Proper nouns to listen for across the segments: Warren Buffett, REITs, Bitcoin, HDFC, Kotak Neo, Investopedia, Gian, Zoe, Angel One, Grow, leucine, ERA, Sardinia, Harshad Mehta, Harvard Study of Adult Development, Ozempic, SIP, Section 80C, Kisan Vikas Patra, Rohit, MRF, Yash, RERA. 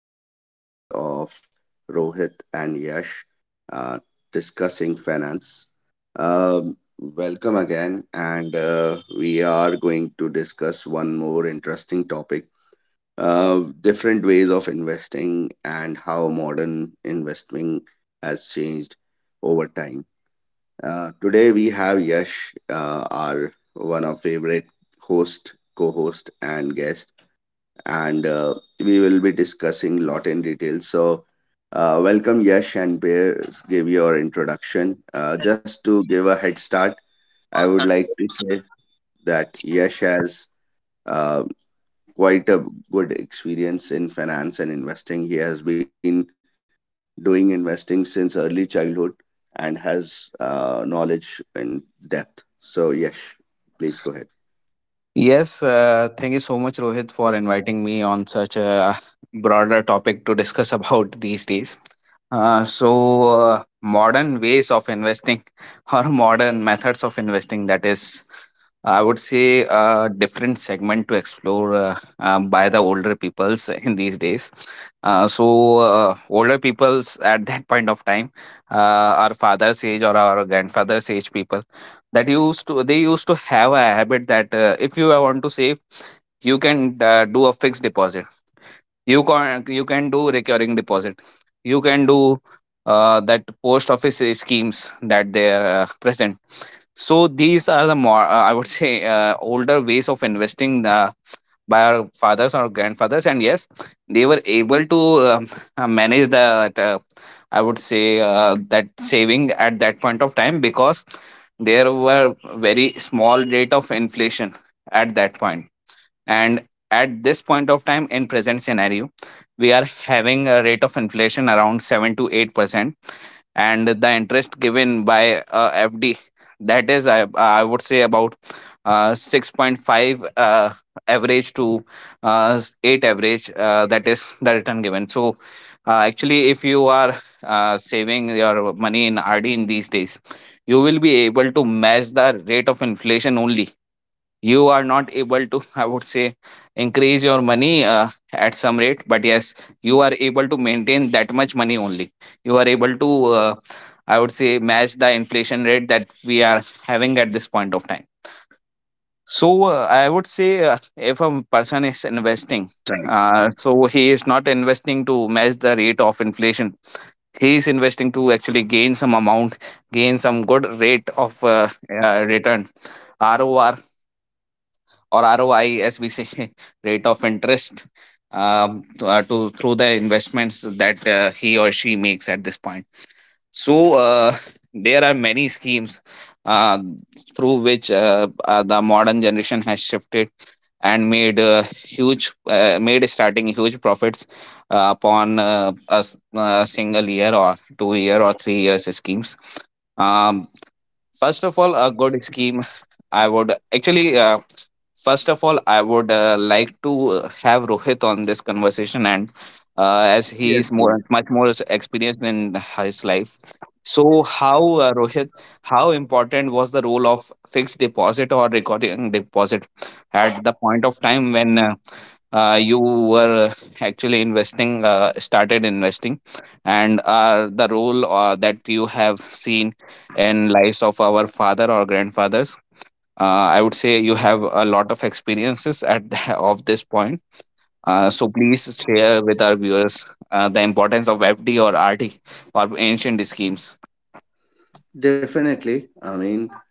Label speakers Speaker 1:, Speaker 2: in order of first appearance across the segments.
Speaker 1: Another podcast of Rohit and Yash uh, discussing finance. Welcome again, and we are going to discuss one more interesting topic, different ways of investing and how modern investing has changed over time. Today, we have Yash, our one of favorite host, co host, and guest, and we will be discussing lot in detail. So, welcome Yash and Bears. Give your introduction. Just to give a head start, I would like to say that Yash has uh, quite a good experience in finance and investing. He has been doing investing since early childhood and has knowledge in depth. So, Yash, please go ahead.
Speaker 2: Yes, thank you so much, Rohit, for inviting me on such a broader topic to discuss about these days. Modern ways of investing or modern methods of investing, that is, I would say, a different segment to explore by the older peoples in these days. Older peoples at that point of time, our father's age or our grandfather's age people, that used to they used to have a habit that if you want to save you can do a fixed deposit, you can do recurring deposit, you can do that post office schemes that they are present. So these are the more I would say older ways of investing the by our fathers or grandfathers, and yes, they were able to um, manage that I would say that saving at that point of time because there were very small rate of inflation at that point. And at this point of time, in present scenario, we are having a rate of inflation around 7 to 8%, and the interest given by fd, that is i would say about 6.5 average to 8 average, that is the return given. So actually, if you are saving your money in rd in these days, you will be able to match the rate of inflation only. You are not able to I would say increase your money at some rate, but yes, you are able to maintain that much money only. You are able to uh, I would say match the inflation rate that we are having at this point of time. So I would say if a person is investing,
Speaker 1: Right.
Speaker 2: so he is not investing to match the rate of inflation, he is investing to actually gain some amount, gain some good rate of return, ror or ROI, as we say, rate of interest, to through the investments that he or she makes at this point. So there are many schemes uh, through which the modern generation has shifted and made huge made starting huge profits upon single year or 2 year or 3 years schemes. Um first of all a good scheme I would actually First of all, I would like to have Rohit on this conversation, and as he is
Speaker 1: Yes,
Speaker 2: more much
Speaker 1: yes.
Speaker 2: more s- experienced in his life. So, how Rohit, how important was the role of fixed deposit or recording deposit at the point of time when you were actually investing, started investing, and the role that you have seen in lives of our father or grandfathers? I would say you have a lot of experiences at the, of this point. So please share with our viewers the importance of fd or rd or ancient schemes.
Speaker 1: Definitely. I mean,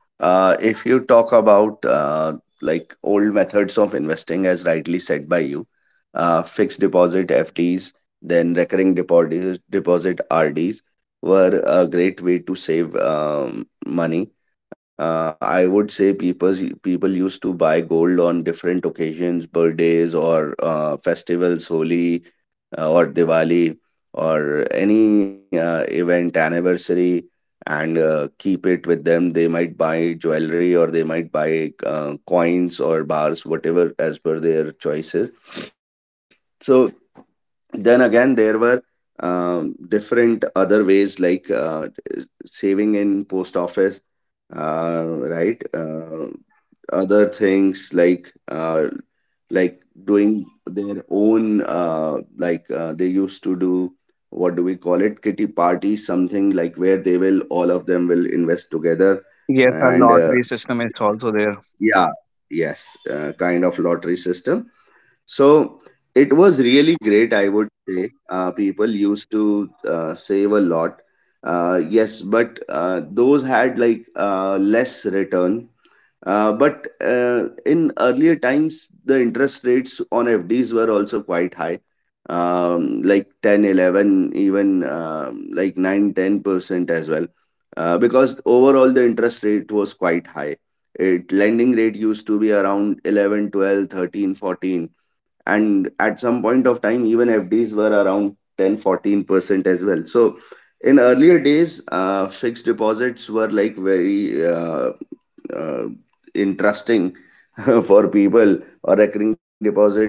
Speaker 1: if you talk about like old methods of investing, as rightly said by you, fixed deposit (FDs), then recurring deposit (RDs) were a great way to save money. I would say people used to buy gold on different occasions, birthdays or festivals, Holi, or Diwali or any event anniversary, and keep it with them. They might buy jewelry or they might buy coins or bars, whatever as per their choices. So then again, there were different other ways like saving in post office, uh, right? Other things like like doing their own, they used to do what do we call it, kitty party, something like where they will, all of them will invest together,
Speaker 2: Yes, a
Speaker 1: and
Speaker 2: lottery system is also there.
Speaker 1: yeah, yes, kind of lottery system. So it was really great, I would say. People used to save a lot. Yes, but those had like less return. But in earlier times, the interest rates on FDs also quite high, like ten, 11, even like nine, 10% as well, because overall the interest rate was quite high. It lending rate used to be around 11, 12, 13, 14, and at some point of time even fds were around 10-14% as well. So in earlier days, fixed deposits were like very uh, interesting for people, or recurring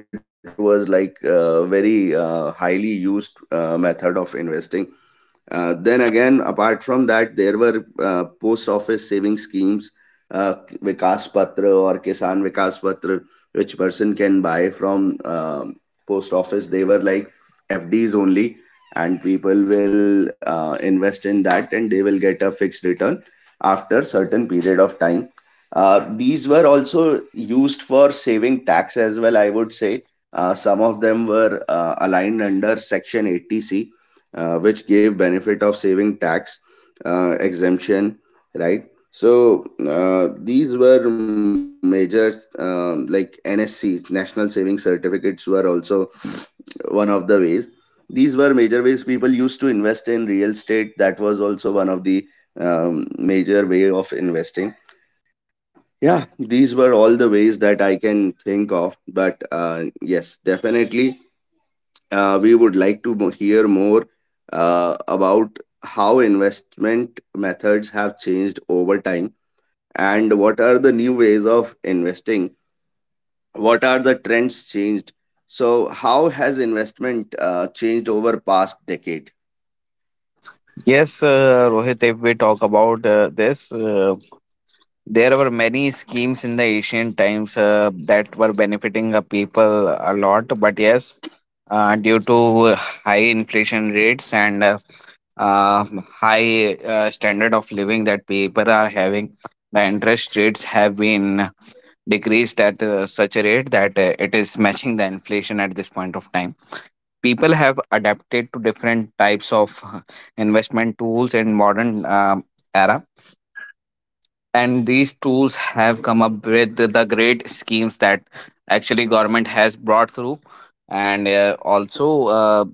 Speaker 1: deposit was like a very highly used method of investing. Then again, apart from that, there were post saving schemes, uh, Vikas Patra or Kisan Vikas Patra, which person can buy from post office. They were like FDs only, and people will invest in that, and they will get a fixed return after certain period of time. These were also used for saving tax as well, I would say. Some of them were aligned under Section 80C, which gave benefit of saving tax, exemption, right. So these were major, like nscs, national saving certificates, were also one of the ways. These were major ways people used to invest in real estate. That was also one of the major way of investing. Yeah, these were all the ways that I can think of, but yes, definitely, we would like to hear more about how investment methods have changed over time and what are the new ways of investing. What are the trends changed? So, how has investment changed over past decade?
Speaker 2: Yes, Rohit, if we talk about this, there were many schemes in the ancient times that were benefiting the people a lot, but yes, due to high inflation rates and uh, high standard of living that people are having, the interest rates have been decreased at such a rate that it is matching the inflation at this point of time. People have adapted to different types of investment tools in modern era, and these tools have come up with the great schemes that actually government has brought through, and also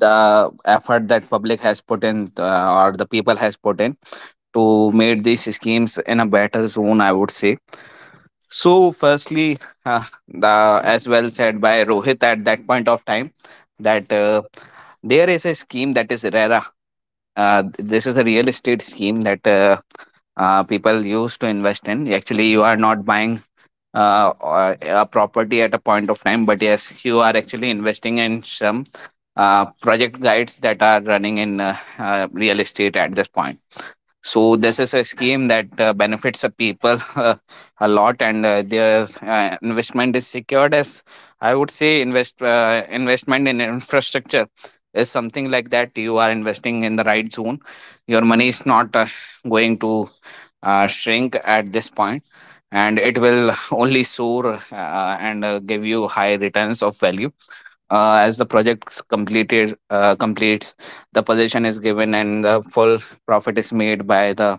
Speaker 2: the effort that public has put in or the people has put in to make these schemes in a better zone, I would say. So firstly, the as well said by Rohit at that point of time, that there is a scheme that is rare. This is a real estate scheme that people use to invest in. Actually, you are not buying a property at a point of time, but yes, you are actually investing in some project guides that are running in real estate at this point. So this is a scheme that benefits the people a lot, and their investment is secured. As I would say, investment in infrastructure is something like that. You are investing in the right zone. Your money is not going to shrink at this point, and it will only soar and give you high returns of value as the project completed completes. The position is given, and the full profit is made by the,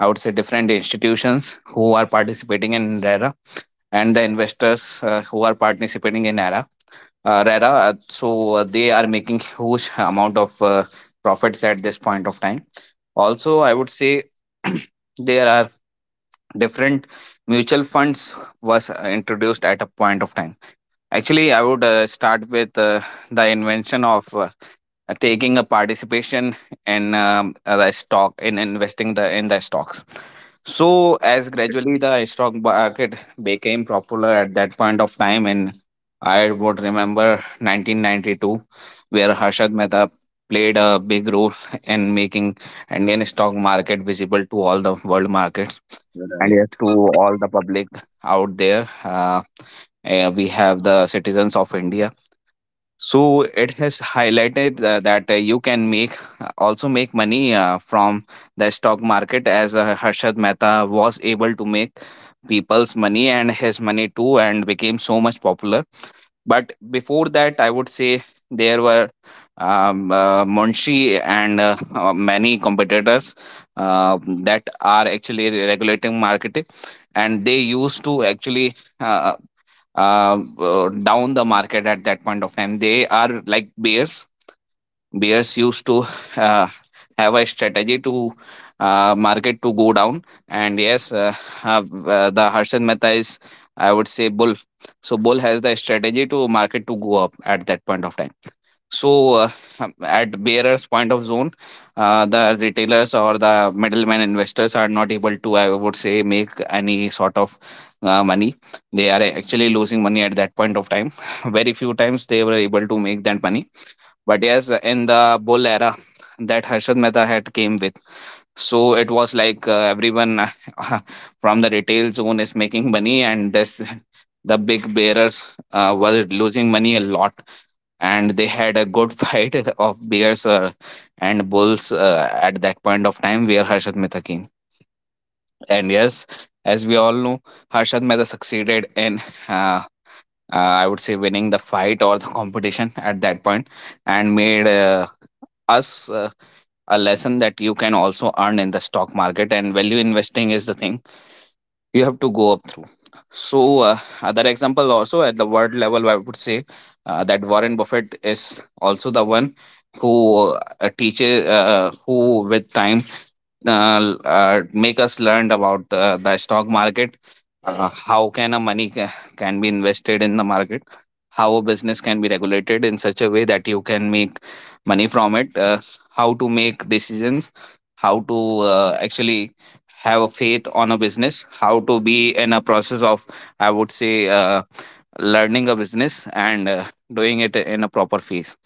Speaker 2: I would say, different institutions who are participating in RERA and the investors who are participating in ERA. RERA, so they are making huge amount of profits at this point of time. Also, I would say, there are different mutual funds was introduced at a point of time. Actually, I would start with the invention of taking a participation in the stock in investing the in the stocks. So as
Speaker 1: Okay,
Speaker 2: gradually the stock market became popular at that point of time, and I would remember 1992, where Harshad Mehta played a big role in making Indian stock market visible to all the world markets, and yes, to
Speaker 1: right,
Speaker 2: all the public out there, we have the citizens of India. So it has highlighted that you can make also make money from the stock market, as Harshad Mehta was able to make people's money and his money too, and became so much popular. But before that, I would say, there were Munshi and many competitors that are actually regulating marketing, and they used to actually uh, down the market at that point of time. They are like bears. Bears used to uh, have a strategy to market to go down. And yes, uh, the Harshad Mehta is, I would say, bull. So bull has the strategy to market to go up at that point of time. So, at bearer's point of zone, the retailers or the middleman investors are not able to, I would say, make any sort of money. They are actually losing money at that point of time. Very few times they were able to make that money. But yes, in the bull era that Harshad Mehta had came with, so it was like everyone from the retail zone is making money, and this the big bearers were losing money a lot, and they had a good fight of bears and bulls at that point of time where Harshad Mehta came. And yes, as we all know, Harshad Mehta succeeded in, uh, I would say, winning the fight or the competition at that point, and made us a lesson that you can also earn in the stock market, and value investing is the thing you have to go up through. So other example also at the world level, I would say that Warren Buffett is also the one who teaches, who with time make us learn about the stock market, how can a money can be invested in the market, how a business can be regulated in such a way that you can make money from it, how to make decisions, how to actually have a faith on a business, how to be in a process of, I would say, learning a business, and doing it in a proper phase.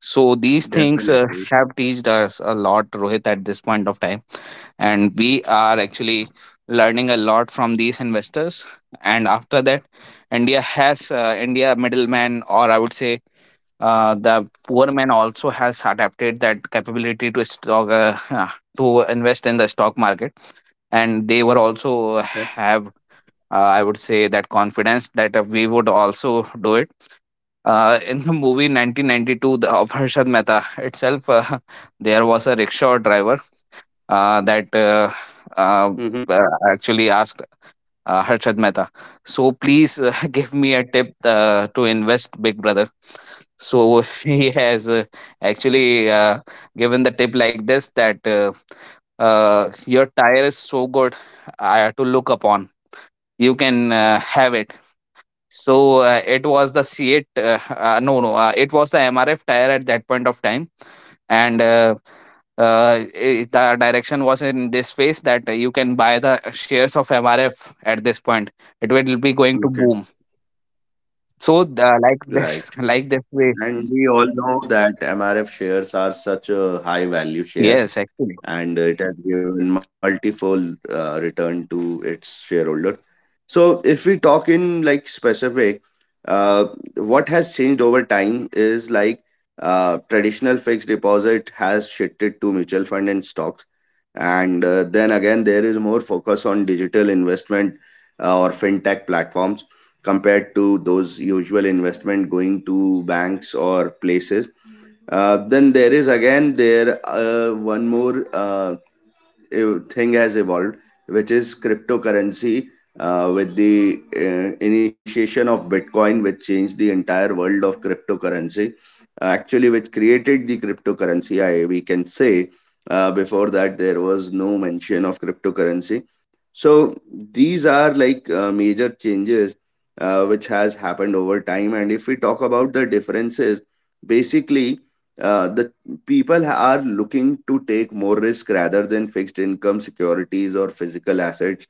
Speaker 2: So these things have taught us
Speaker 1: definitely.
Speaker 2: a lot, Rohit, at this point of time, and we are actually learning a lot from these investors. And after that, India middleman, or I would say the poor man, also has adapted that capability to stock to invest in the stock market, and they were also have.
Speaker 1: Okay.
Speaker 2: I would say that confidence that we would also do it in the movie 1992, the, of Harshad Mehta itself, there was a rickshaw driver that
Speaker 1: Mm-hmm.
Speaker 2: uh, uh, actually asked Harshad Mehta, so please give me a tip to invest, Big Brother. So he has actually given the tip like this that your tire is so good to look upon. You can have it. So it was the c8, no no, it was the MRF tire at that point of time. And the direction was in this phase that you can buy the shares of MRF at this point. It will be going to
Speaker 1: Okay.
Speaker 2: boom. So like this,
Speaker 1: Right.
Speaker 2: like this way.
Speaker 1: And we all know that MRF shares are such a high value
Speaker 2: Yes,
Speaker 1: share,
Speaker 2: actually.
Speaker 1: and it has given multifold return to its shareholder. So, if we talk in like specific, uh, what has changed over time is like traditional fixed deposit has shifted to mutual fund and stocks, and then again there is more focus on digital investment or fintech platforms compared to those usual investment going to banks or places. Then there is again there one more thing has evolved, which is cryptocurrency. With the initiation of Bitcoin, which changed the entire world of cryptocurrency, actually, which created the cryptocurrency, I we can say. Before that there was no mention of cryptocurrency. So these are like major changes which has happened over time. And if we talk about the differences, basically the people are looking to take more risk rather than fixed income securities or physical assets.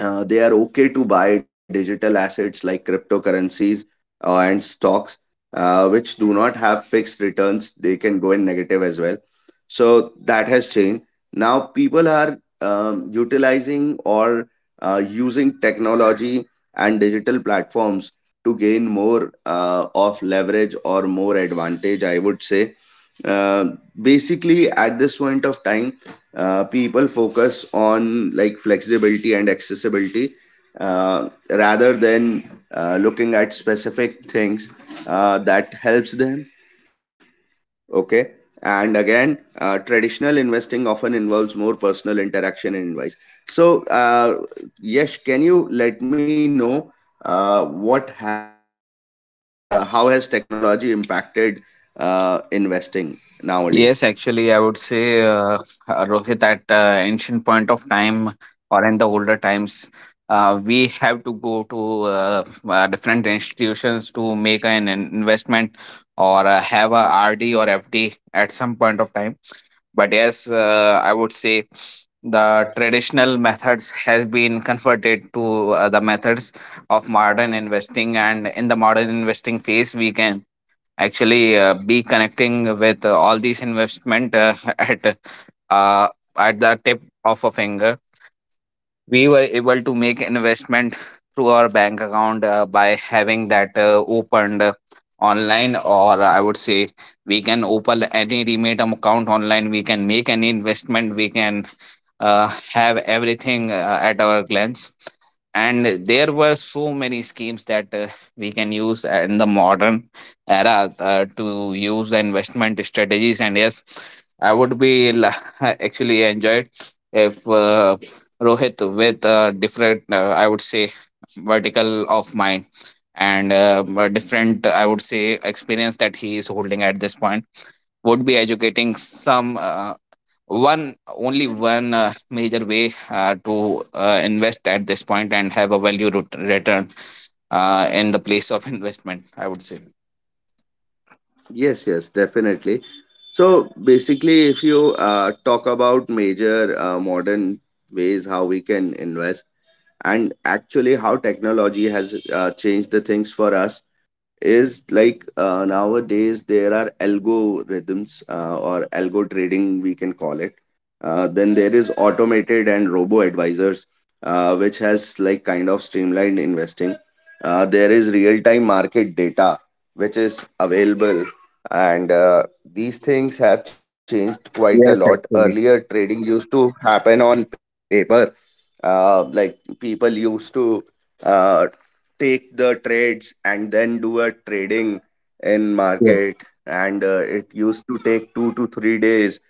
Speaker 1: They are okay to buy digital assets like cryptocurrencies and stocks, which do not have fixed returns. They can go in negative as well. So that has changed. Now people are utilizing or using technology and digital platforms to gain more of leverage or more advantage, I would say. Uh, Basically, at this point of time, people focus on like flexibility and accessibility rather than looking at specific things that helps them, okay. And again, traditional investing often involves more personal interaction and advice. So yes, can you let me know what has, how has technology impacted investing nowadays?
Speaker 2: Yes, actually, I would say, Rohit, at ancient point of time or in the older times, we have to go to different institutions to make an investment, or have a RD or FD at some point of time. But yes, I would say the traditional methods has been converted to the methods of modern investing, and in the modern investing phase, we can actually be connecting with all these investment, uh, at the tip of a finger. We were able to make investment through our bank account by having that opened online, or I would say we can open any remote account online, we can make any investment, we can uh, have everything at our glance. And there were so many schemes that we can use in the modern era to use the investment strategies. And yes, I would be la- actually enjoyed if Rohit, with a different, I would say, vertical of mind, and a different, I would say, experience that he is holding at this point, would be educating some one major way to invest at this point and have a value return in the place of investment, I would say.
Speaker 1: Yes, yes, definitely. So basically, if you talk about major modern ways how we can invest and actually how technology has changed the things for us, is like nowadays there are algorithms or algo trading we can call it. Then there is automated and robo advisors which has like kind of streamlined investing. There is real time market data which is available, and these things have changed quite a
Speaker 2: Yes,
Speaker 1: lot.
Speaker 2: actually.
Speaker 1: Earlier trading used to happen on paper, like people used to uh, take the trades and then do a trading in
Speaker 2: Yes,
Speaker 1: market, and it used to take 2 to 3 days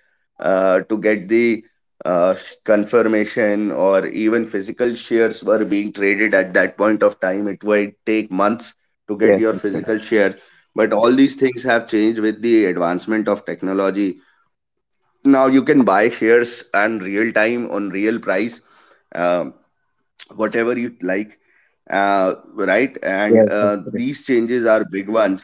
Speaker 1: to get the confirmation. Or even physical shares were being traded at that point of time, it would take months to get
Speaker 2: yes,
Speaker 1: your
Speaker 2: actually.
Speaker 1: physical shares. But all these things have changed with the advancement of technology. Now you can buy shares on real time on real price, Um whatever you like, right. And
Speaker 2: Yes, actually.
Speaker 1: these changes are big ones.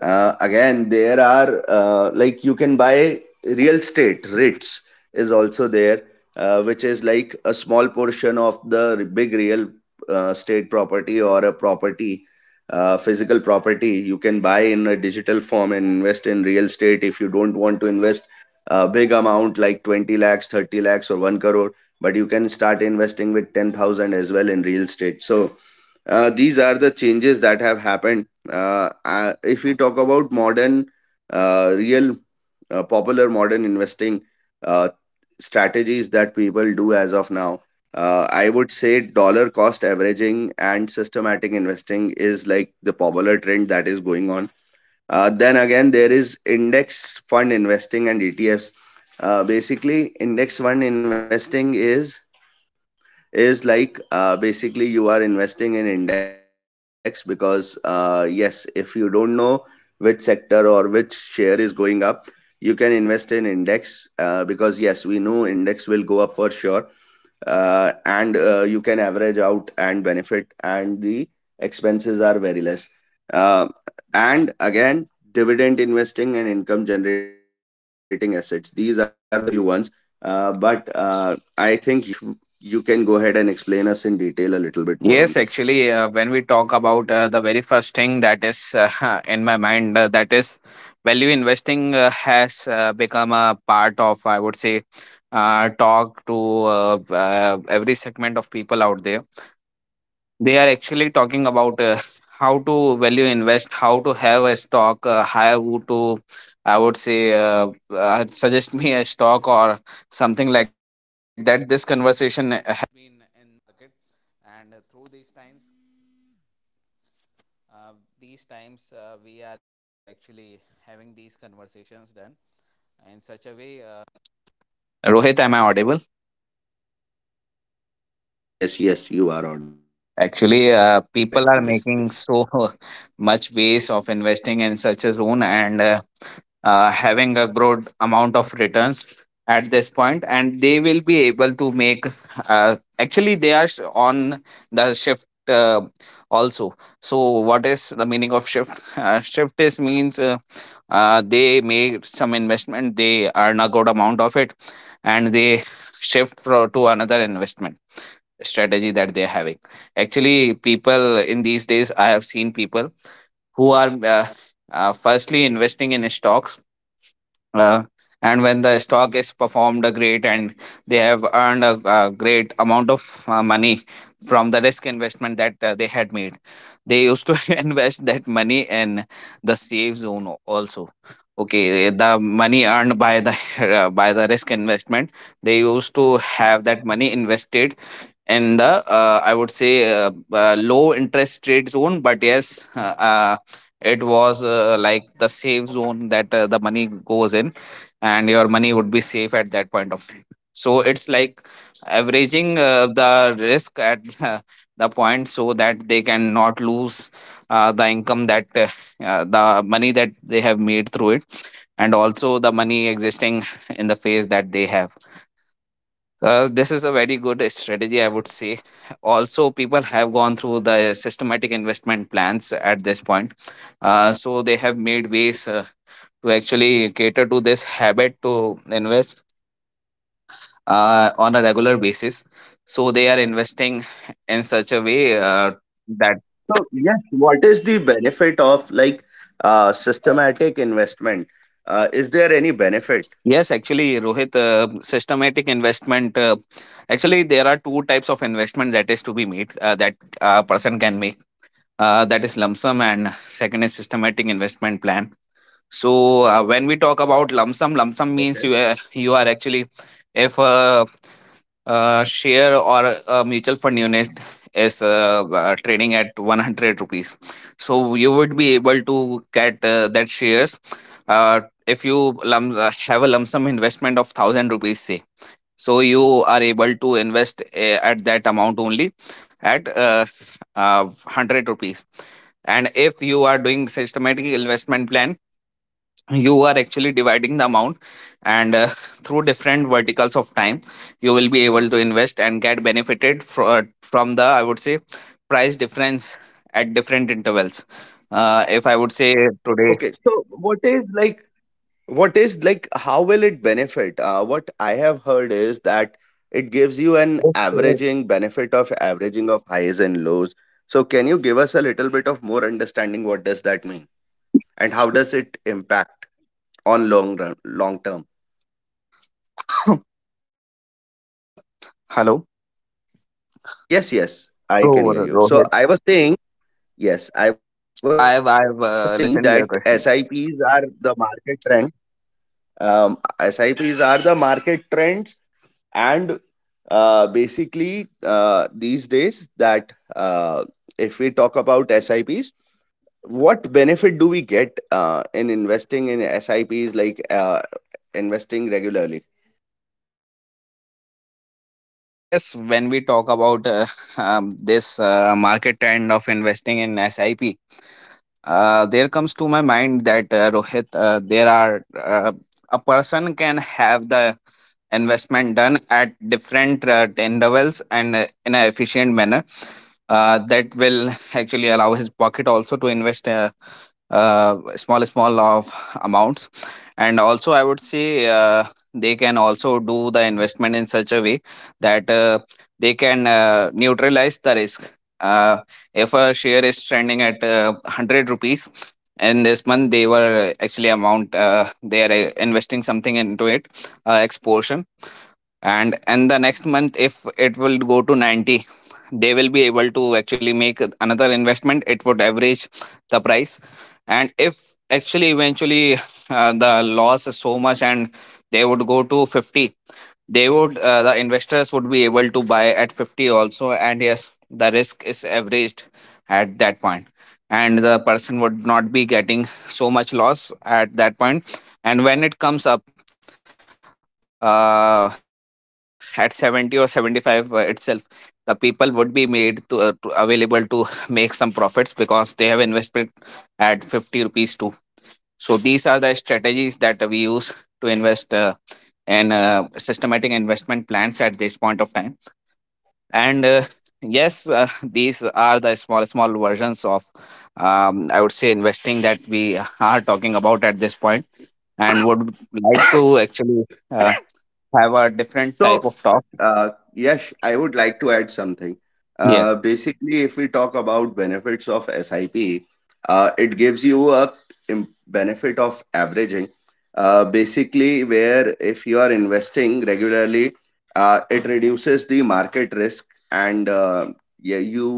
Speaker 1: Again, there are like you can buy real estate, REITs is also there, which is like a small portion of the big real estate property or a property, physical property. You can buy in a digital form and invest in real estate if you don't want to invest a big amount like 20 lakhs, 30 lakhs, or 1 crore, but you can start investing with 10,000 as well in real estate. So, these are the changes that have happened. If we talk about modern real popular modern investing uh, strategies that people do as of now, I would, dollar cost averaging and systematic investing is like the popular trend that is going on. Then again, there is index fund investing and etfs. Basically index fund investing is like basically you are investing in index because yes, if you don't know which sector or which share is going up, you can invest in index because yes, we know index will go up for sure. And you can average out and benefit, and the expenses are very less. uh, and again, dividend investing and income generating assets, these are the few ones. But I think yes, you can go ahead and explain us in detail a little bit more on
Speaker 2: Yes,
Speaker 1: these.
Speaker 2: actually, when we talk about, the very first thing that is in my mind, that is value investing has become a part of, I would say, talk to, every segment of people out there. They are actually talking about, how to value invest, how to have a stock, how to, I would say, suggest me a stock or something like that. This conversation.
Speaker 1: Yes, yes, yes, you are audible, I
Speaker 2: Actually,
Speaker 1: can listen to you.
Speaker 2: people are making so much ways of investing in such a zone, and having a good amount of returns at this point, and they will be able to make. Actually, they are on the shift uh, also. So, what is the meaning of shift? Shift is means, they make some investment, they earn a good amount of it, and they to another investment strategy that they're having. Actually, people in these days, I have seen people who are firstly investing in stocks, uh, and when the stock is performed great and they have earned a great amount of money from the risk investment that they had made, they used to invest that money in the safe zone also. Okay, the money earned by the by the risk investment, they used to have that money invested in the, I would say, low interest rate zone. But yes, it was like the safe zone that the money goes in, and your money would be safe at that point of time. So it's like averaging, the risk at, the point, so that they can not lose the income that, the money that they have made through it, and also the money existing in the phase that they have. This is a very good strategy, I
Speaker 1: Okay,
Speaker 2: would say. Also, people have gone through the systematic investment plans at this point. So they have made ways to actually cater to this habit to invest on a regular basis. So they are investing in such a way, that
Speaker 1: so yes, what is the benefit of like systematic investment, is there any benefit?
Speaker 2: yes, actually, Rohit, systematic investment. Actually, there are two types of investment that is to be made, that a person can make, that is lump sum, and second is systematic investment plan. So when we talk about lump sum, means you, you are actually, if a share or a mutual fund unit is trading at 100 rupees, so you would be able to get that shares, uh, if you have a lump sum investment of 1,000 rupees, say. So you are able to invest at that amount only at, 100 rupees. And if you are doing systematic investment plan, you are actually dividing the amount, and through different verticals of time, you will be able to invest and get benefited from the, I would say, price difference at different intervals, if I would say, today.
Speaker 1: Okay, so what is like, what is like how will it benefit? What I have heard is that it gives you an
Speaker 2: Yes, correct.
Speaker 1: averaging benefit of averaging of highs and lows. So can you give us a little bit of more understanding what does that mean and how does it impact on long run, long term?
Speaker 2: uh, Hello. So,
Speaker 1: Yes, yes,
Speaker 2: Rohit,
Speaker 1: I can hear you. So I was saying,
Speaker 2: i've
Speaker 1: yes,
Speaker 2: i've
Speaker 1: I was saying
Speaker 2: listened to your
Speaker 1: that
Speaker 2: question.
Speaker 1: SIPs are the market trend. SIPs are the market trends, and basically these days that if we talk about S I Ps, what benefit do we get in investing in S I Ps like investing regularly?
Speaker 2: Yes, when we talk about this market trend of investing in SIP, there comes to my mind that, Rohit, there are a person can have the investment done at different, intervals, and in an efficient manner, that will actually allow his pocket also to invest. Small small of amounts, and also I would say, they can also do the investment in such a way, that they can neutralize the risk. uh, if a share is trending at 100 rupees in this month, they were actually amount, they are investing something into it, exposure. And the next month, if it will go to 90, they will be able to actually make another investment. It would average the price. And if actually, eventually, the loss is so much and they would go to 50, they would, the investors would be able to buy at 50 also, and yes, the risk is averaged at that point, and the person would not be getting so much loss at that point. And when it comes up at 70 or 75 itself, the people would be made to available to make some profits because they have invested at 50 rupees too. So these are the strategies that we use to invest in systematic investment plans at this point of time. And yes, these are the small small versions of, I would say, investing that we are talking about at this point, and would like to actually uh, have a different type
Speaker 1: So,
Speaker 2: of talk.
Speaker 1: Yes, I would like to add something.
Speaker 2: Yes,
Speaker 1: Basically, if we talk about benefits of SIP, it gives you a benefit of averaging. Basically, where if you are investing regularly, it reduces the market risk, and yeah, you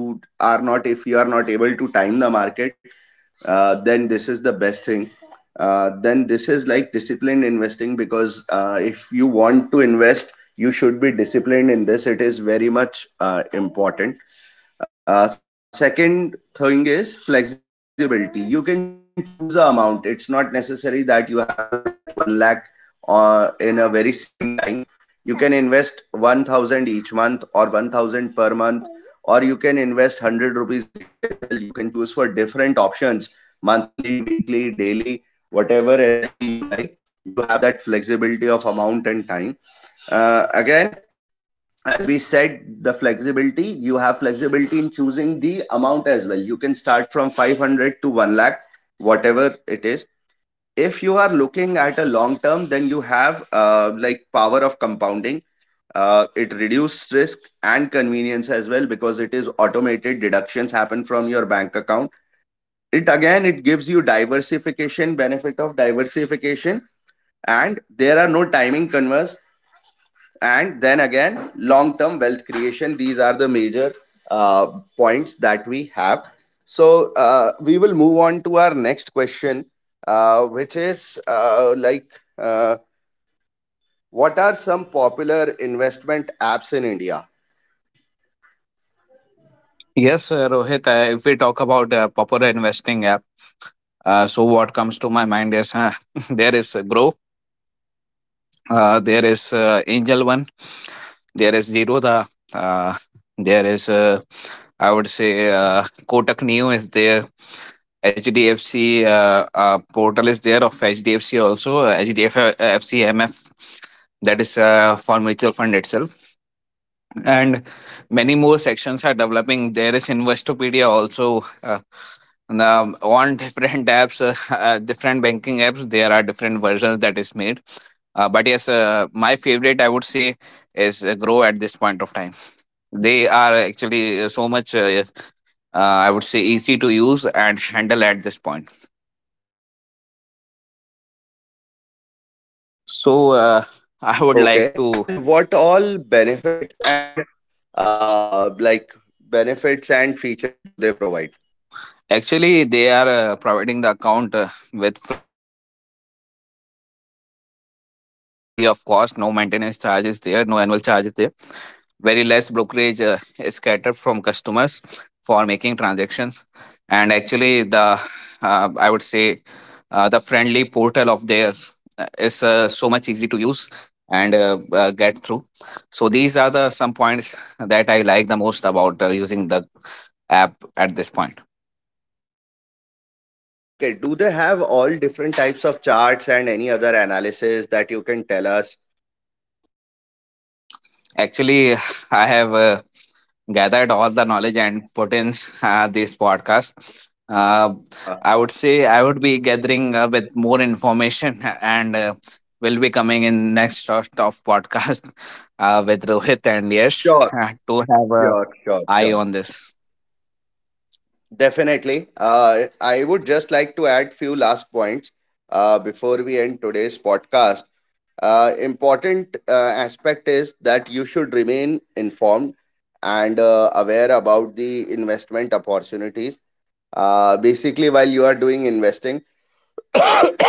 Speaker 1: are not, if you are not able to time the market, then this is the best thing. Then this is like disciplined investing because if you want to invest, you should be disciplined in this. It is very much important. Second thing is flexibility. You can choose a amount. It's not necessary that you have to invest 1 lakh in a very same time. You can invest 1,000 each month or 1,000 per month, or you can invest 100 rupees daily as well. You can choose for different options monthly, weekly, daily, whatever SIP you like. You have that flexibility of amount and time. Again, as we said, the flexibility, you have flexibility in choosing the amount as well. You can start from 500 to 1 lakh, whatever it is. If you are looking at a long term, then you have like power of compounding. It reduces risk and convenience as well because it is automated. Deductions happen from your bank account, it again it gives you diversification, benefit of diversification, and there are no timing concerns. And then again, long term wealth creation, these are the major uh, points that we have. So we will move on to our next question, which is like uh, what are some popular investment apps in India.
Speaker 2: yes, Rohit, if we talk about popular investing app, so what comes to my mind is, there is Grow, there is Angel One, there is zero the, uh, there is, I would say, Kotak Neo is there. HDFC portal is there of HDFC, also HDFC MF, that is for mutual fund itself. And many more sections are developing. There is Investopedia also, now on different apps, different banking apps, there are different versions that is made. But yes, my favorite, I would say, is Grow at this point of time. They are actually so much, I would say, easy to use and handle at this point. So, I
Speaker 1: Okay.
Speaker 2: would like
Speaker 1: And what
Speaker 2: to.
Speaker 1: all benefits and uh like benefits and features do they provide?
Speaker 2: Actually, they are providing the account with free of cost, no maintenance charges there, no annual charges there. Very less brokerage is scattered from customers for making transactions. And actually the I would say, the friendly portal of theirs is so much easy to use and get through. So these are the some points that I like the most about using the app at this point.
Speaker 1: Okay, do they have all different types of charts and any other analysis that you can tell us?
Speaker 2: Actually, I have gathered all the knowledge and put in this podcast. I would
Speaker 1: Uh,
Speaker 2: say I would be gathering with more information, and will be coming in next short of podcast with Rohit and Yash
Speaker 1: sure,
Speaker 2: to have
Speaker 1: sure,
Speaker 2: a
Speaker 1: sure, sure.
Speaker 2: eye on this.
Speaker 1: Definitely. I would just like to add few last points before we end today's podcast. Important aspect is that you should remain informed and aware about the investment opportunities. Basically, while you are doing investing,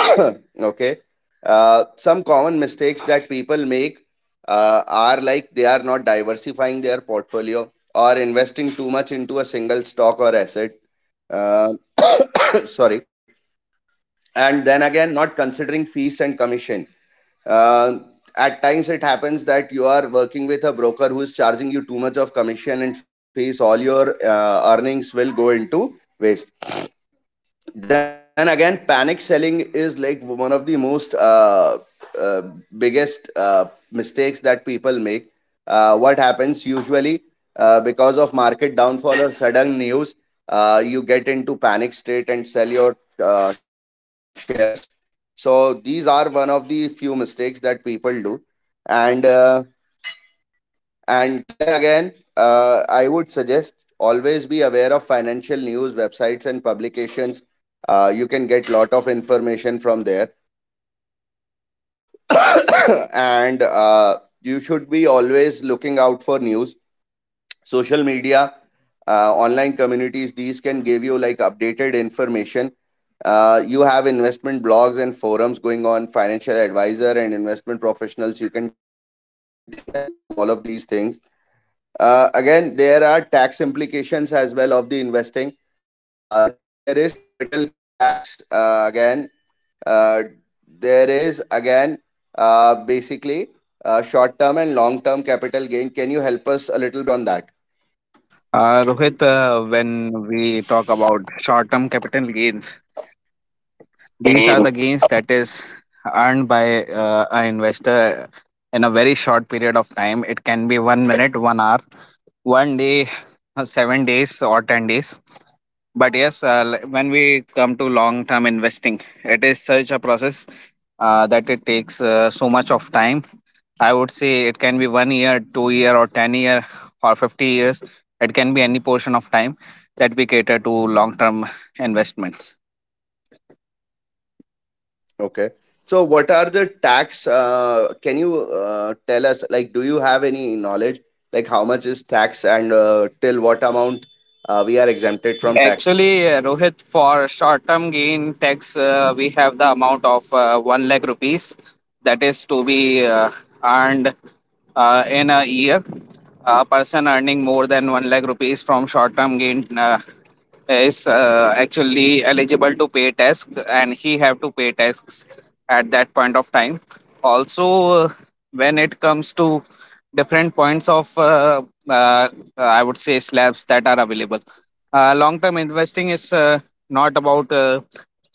Speaker 1: okay, some common mistakes that people make are like they are not diversifying their portfolio or investing too much into a single stock or asset. Uh, sorry. And then again, not considering fees and commission. uh, at times it happens that you are working with a broker who is charging you too much of commission and fees, all your earnings will go into waste. Then again, panic selling is like one of the most uh, biggest mistakes that people make. What happens usually, because of market downfall or sudden news, you get into panic state and sell your shares. So these are one of the few mistakes that people do. And and then again, I would suggest always be aware of financial news websites and publications. You can get lot of from there. And you should be always looking out for news. Social media, online communities, can give you like updated information. You have investment blogs and forums going on, financial advisor and investment professionals. You can take help from all of these things. Again, there are tax implications as well of the investing. There is capital gain tax again. Uh, there is again basically Short term and long term capital gain. Can you help us a little bit on that?
Speaker 2: Rohit, when we talk about short-term capital gains, these are the gains that is earned by, an investor in a very short period of time. It can be 1 minute, 1 hour, 1 day, 7 days, or 10 days. But yes, when we come to long term investing, it is such a process, that it takes so much of time. I would say it can be 1 year, 2 year, or 10 year, or 50 years. It can be any portion of time that we cater to long term investments.
Speaker 1: Okay. So, what are the tax? Can you tell us, like, do you have any knowledge, like, how much is tax and till what amount we are exempted from tax?
Speaker 2: Actually, Rohit, for short-term gain tax, we have the amount of 1 lakh rupees that is to be earned in a year. A person earning more than 1 lakh rupees from short-term gain is actually eligible to pay tax, and he have to pay tax at that point of time. Also, when it comes to different points of, uh, I would say, slabs that are available. Long term investing is, not about, uh,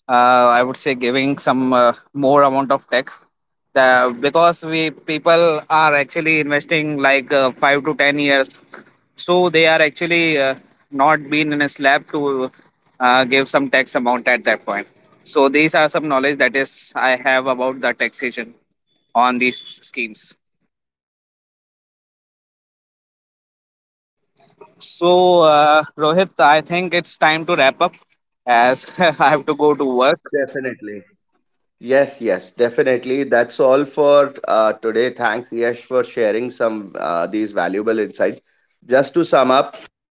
Speaker 2: uh, I would say, giving some more amount of tax, the, because we people are actually investing like 5 to 10 years, so they are actually not been in a slab to give some tax amount at that point. So these are some knowledge that is I have about the taxation on these schemes. So, Rohit, I think it's time to wrap up, as I have to go to work.
Speaker 1: Definitely. Yes, yes, definitely. That's all for today. Thanks, Yash, for sharing some these valuable insights. Just to sum up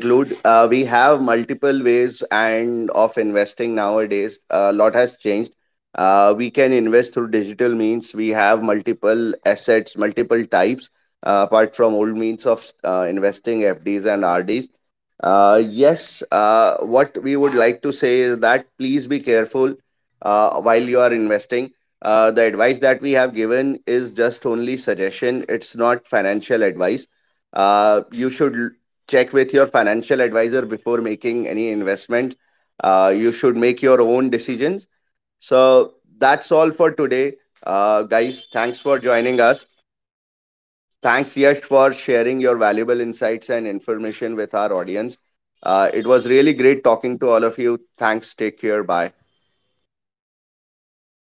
Speaker 1: and conclude, we have multiple ways and of investing nowadays. A lot has changed. We can invest through digital means. We have multiple assets, multiple types, apart from old means of investing FDs and RDs. Yes, what we would like to say is that please be careful while you are investing. The advice that we have given is just only suggestion, it's not advice. You should check with your financial advisor before making any investment. You should make your own decisions. So that's all for today, guys. Thanks for joining us. Thanks, Yash, for sharing your valuable insights and information with our audience. It was really great talking to all of you. Thanks. Take care. Bye.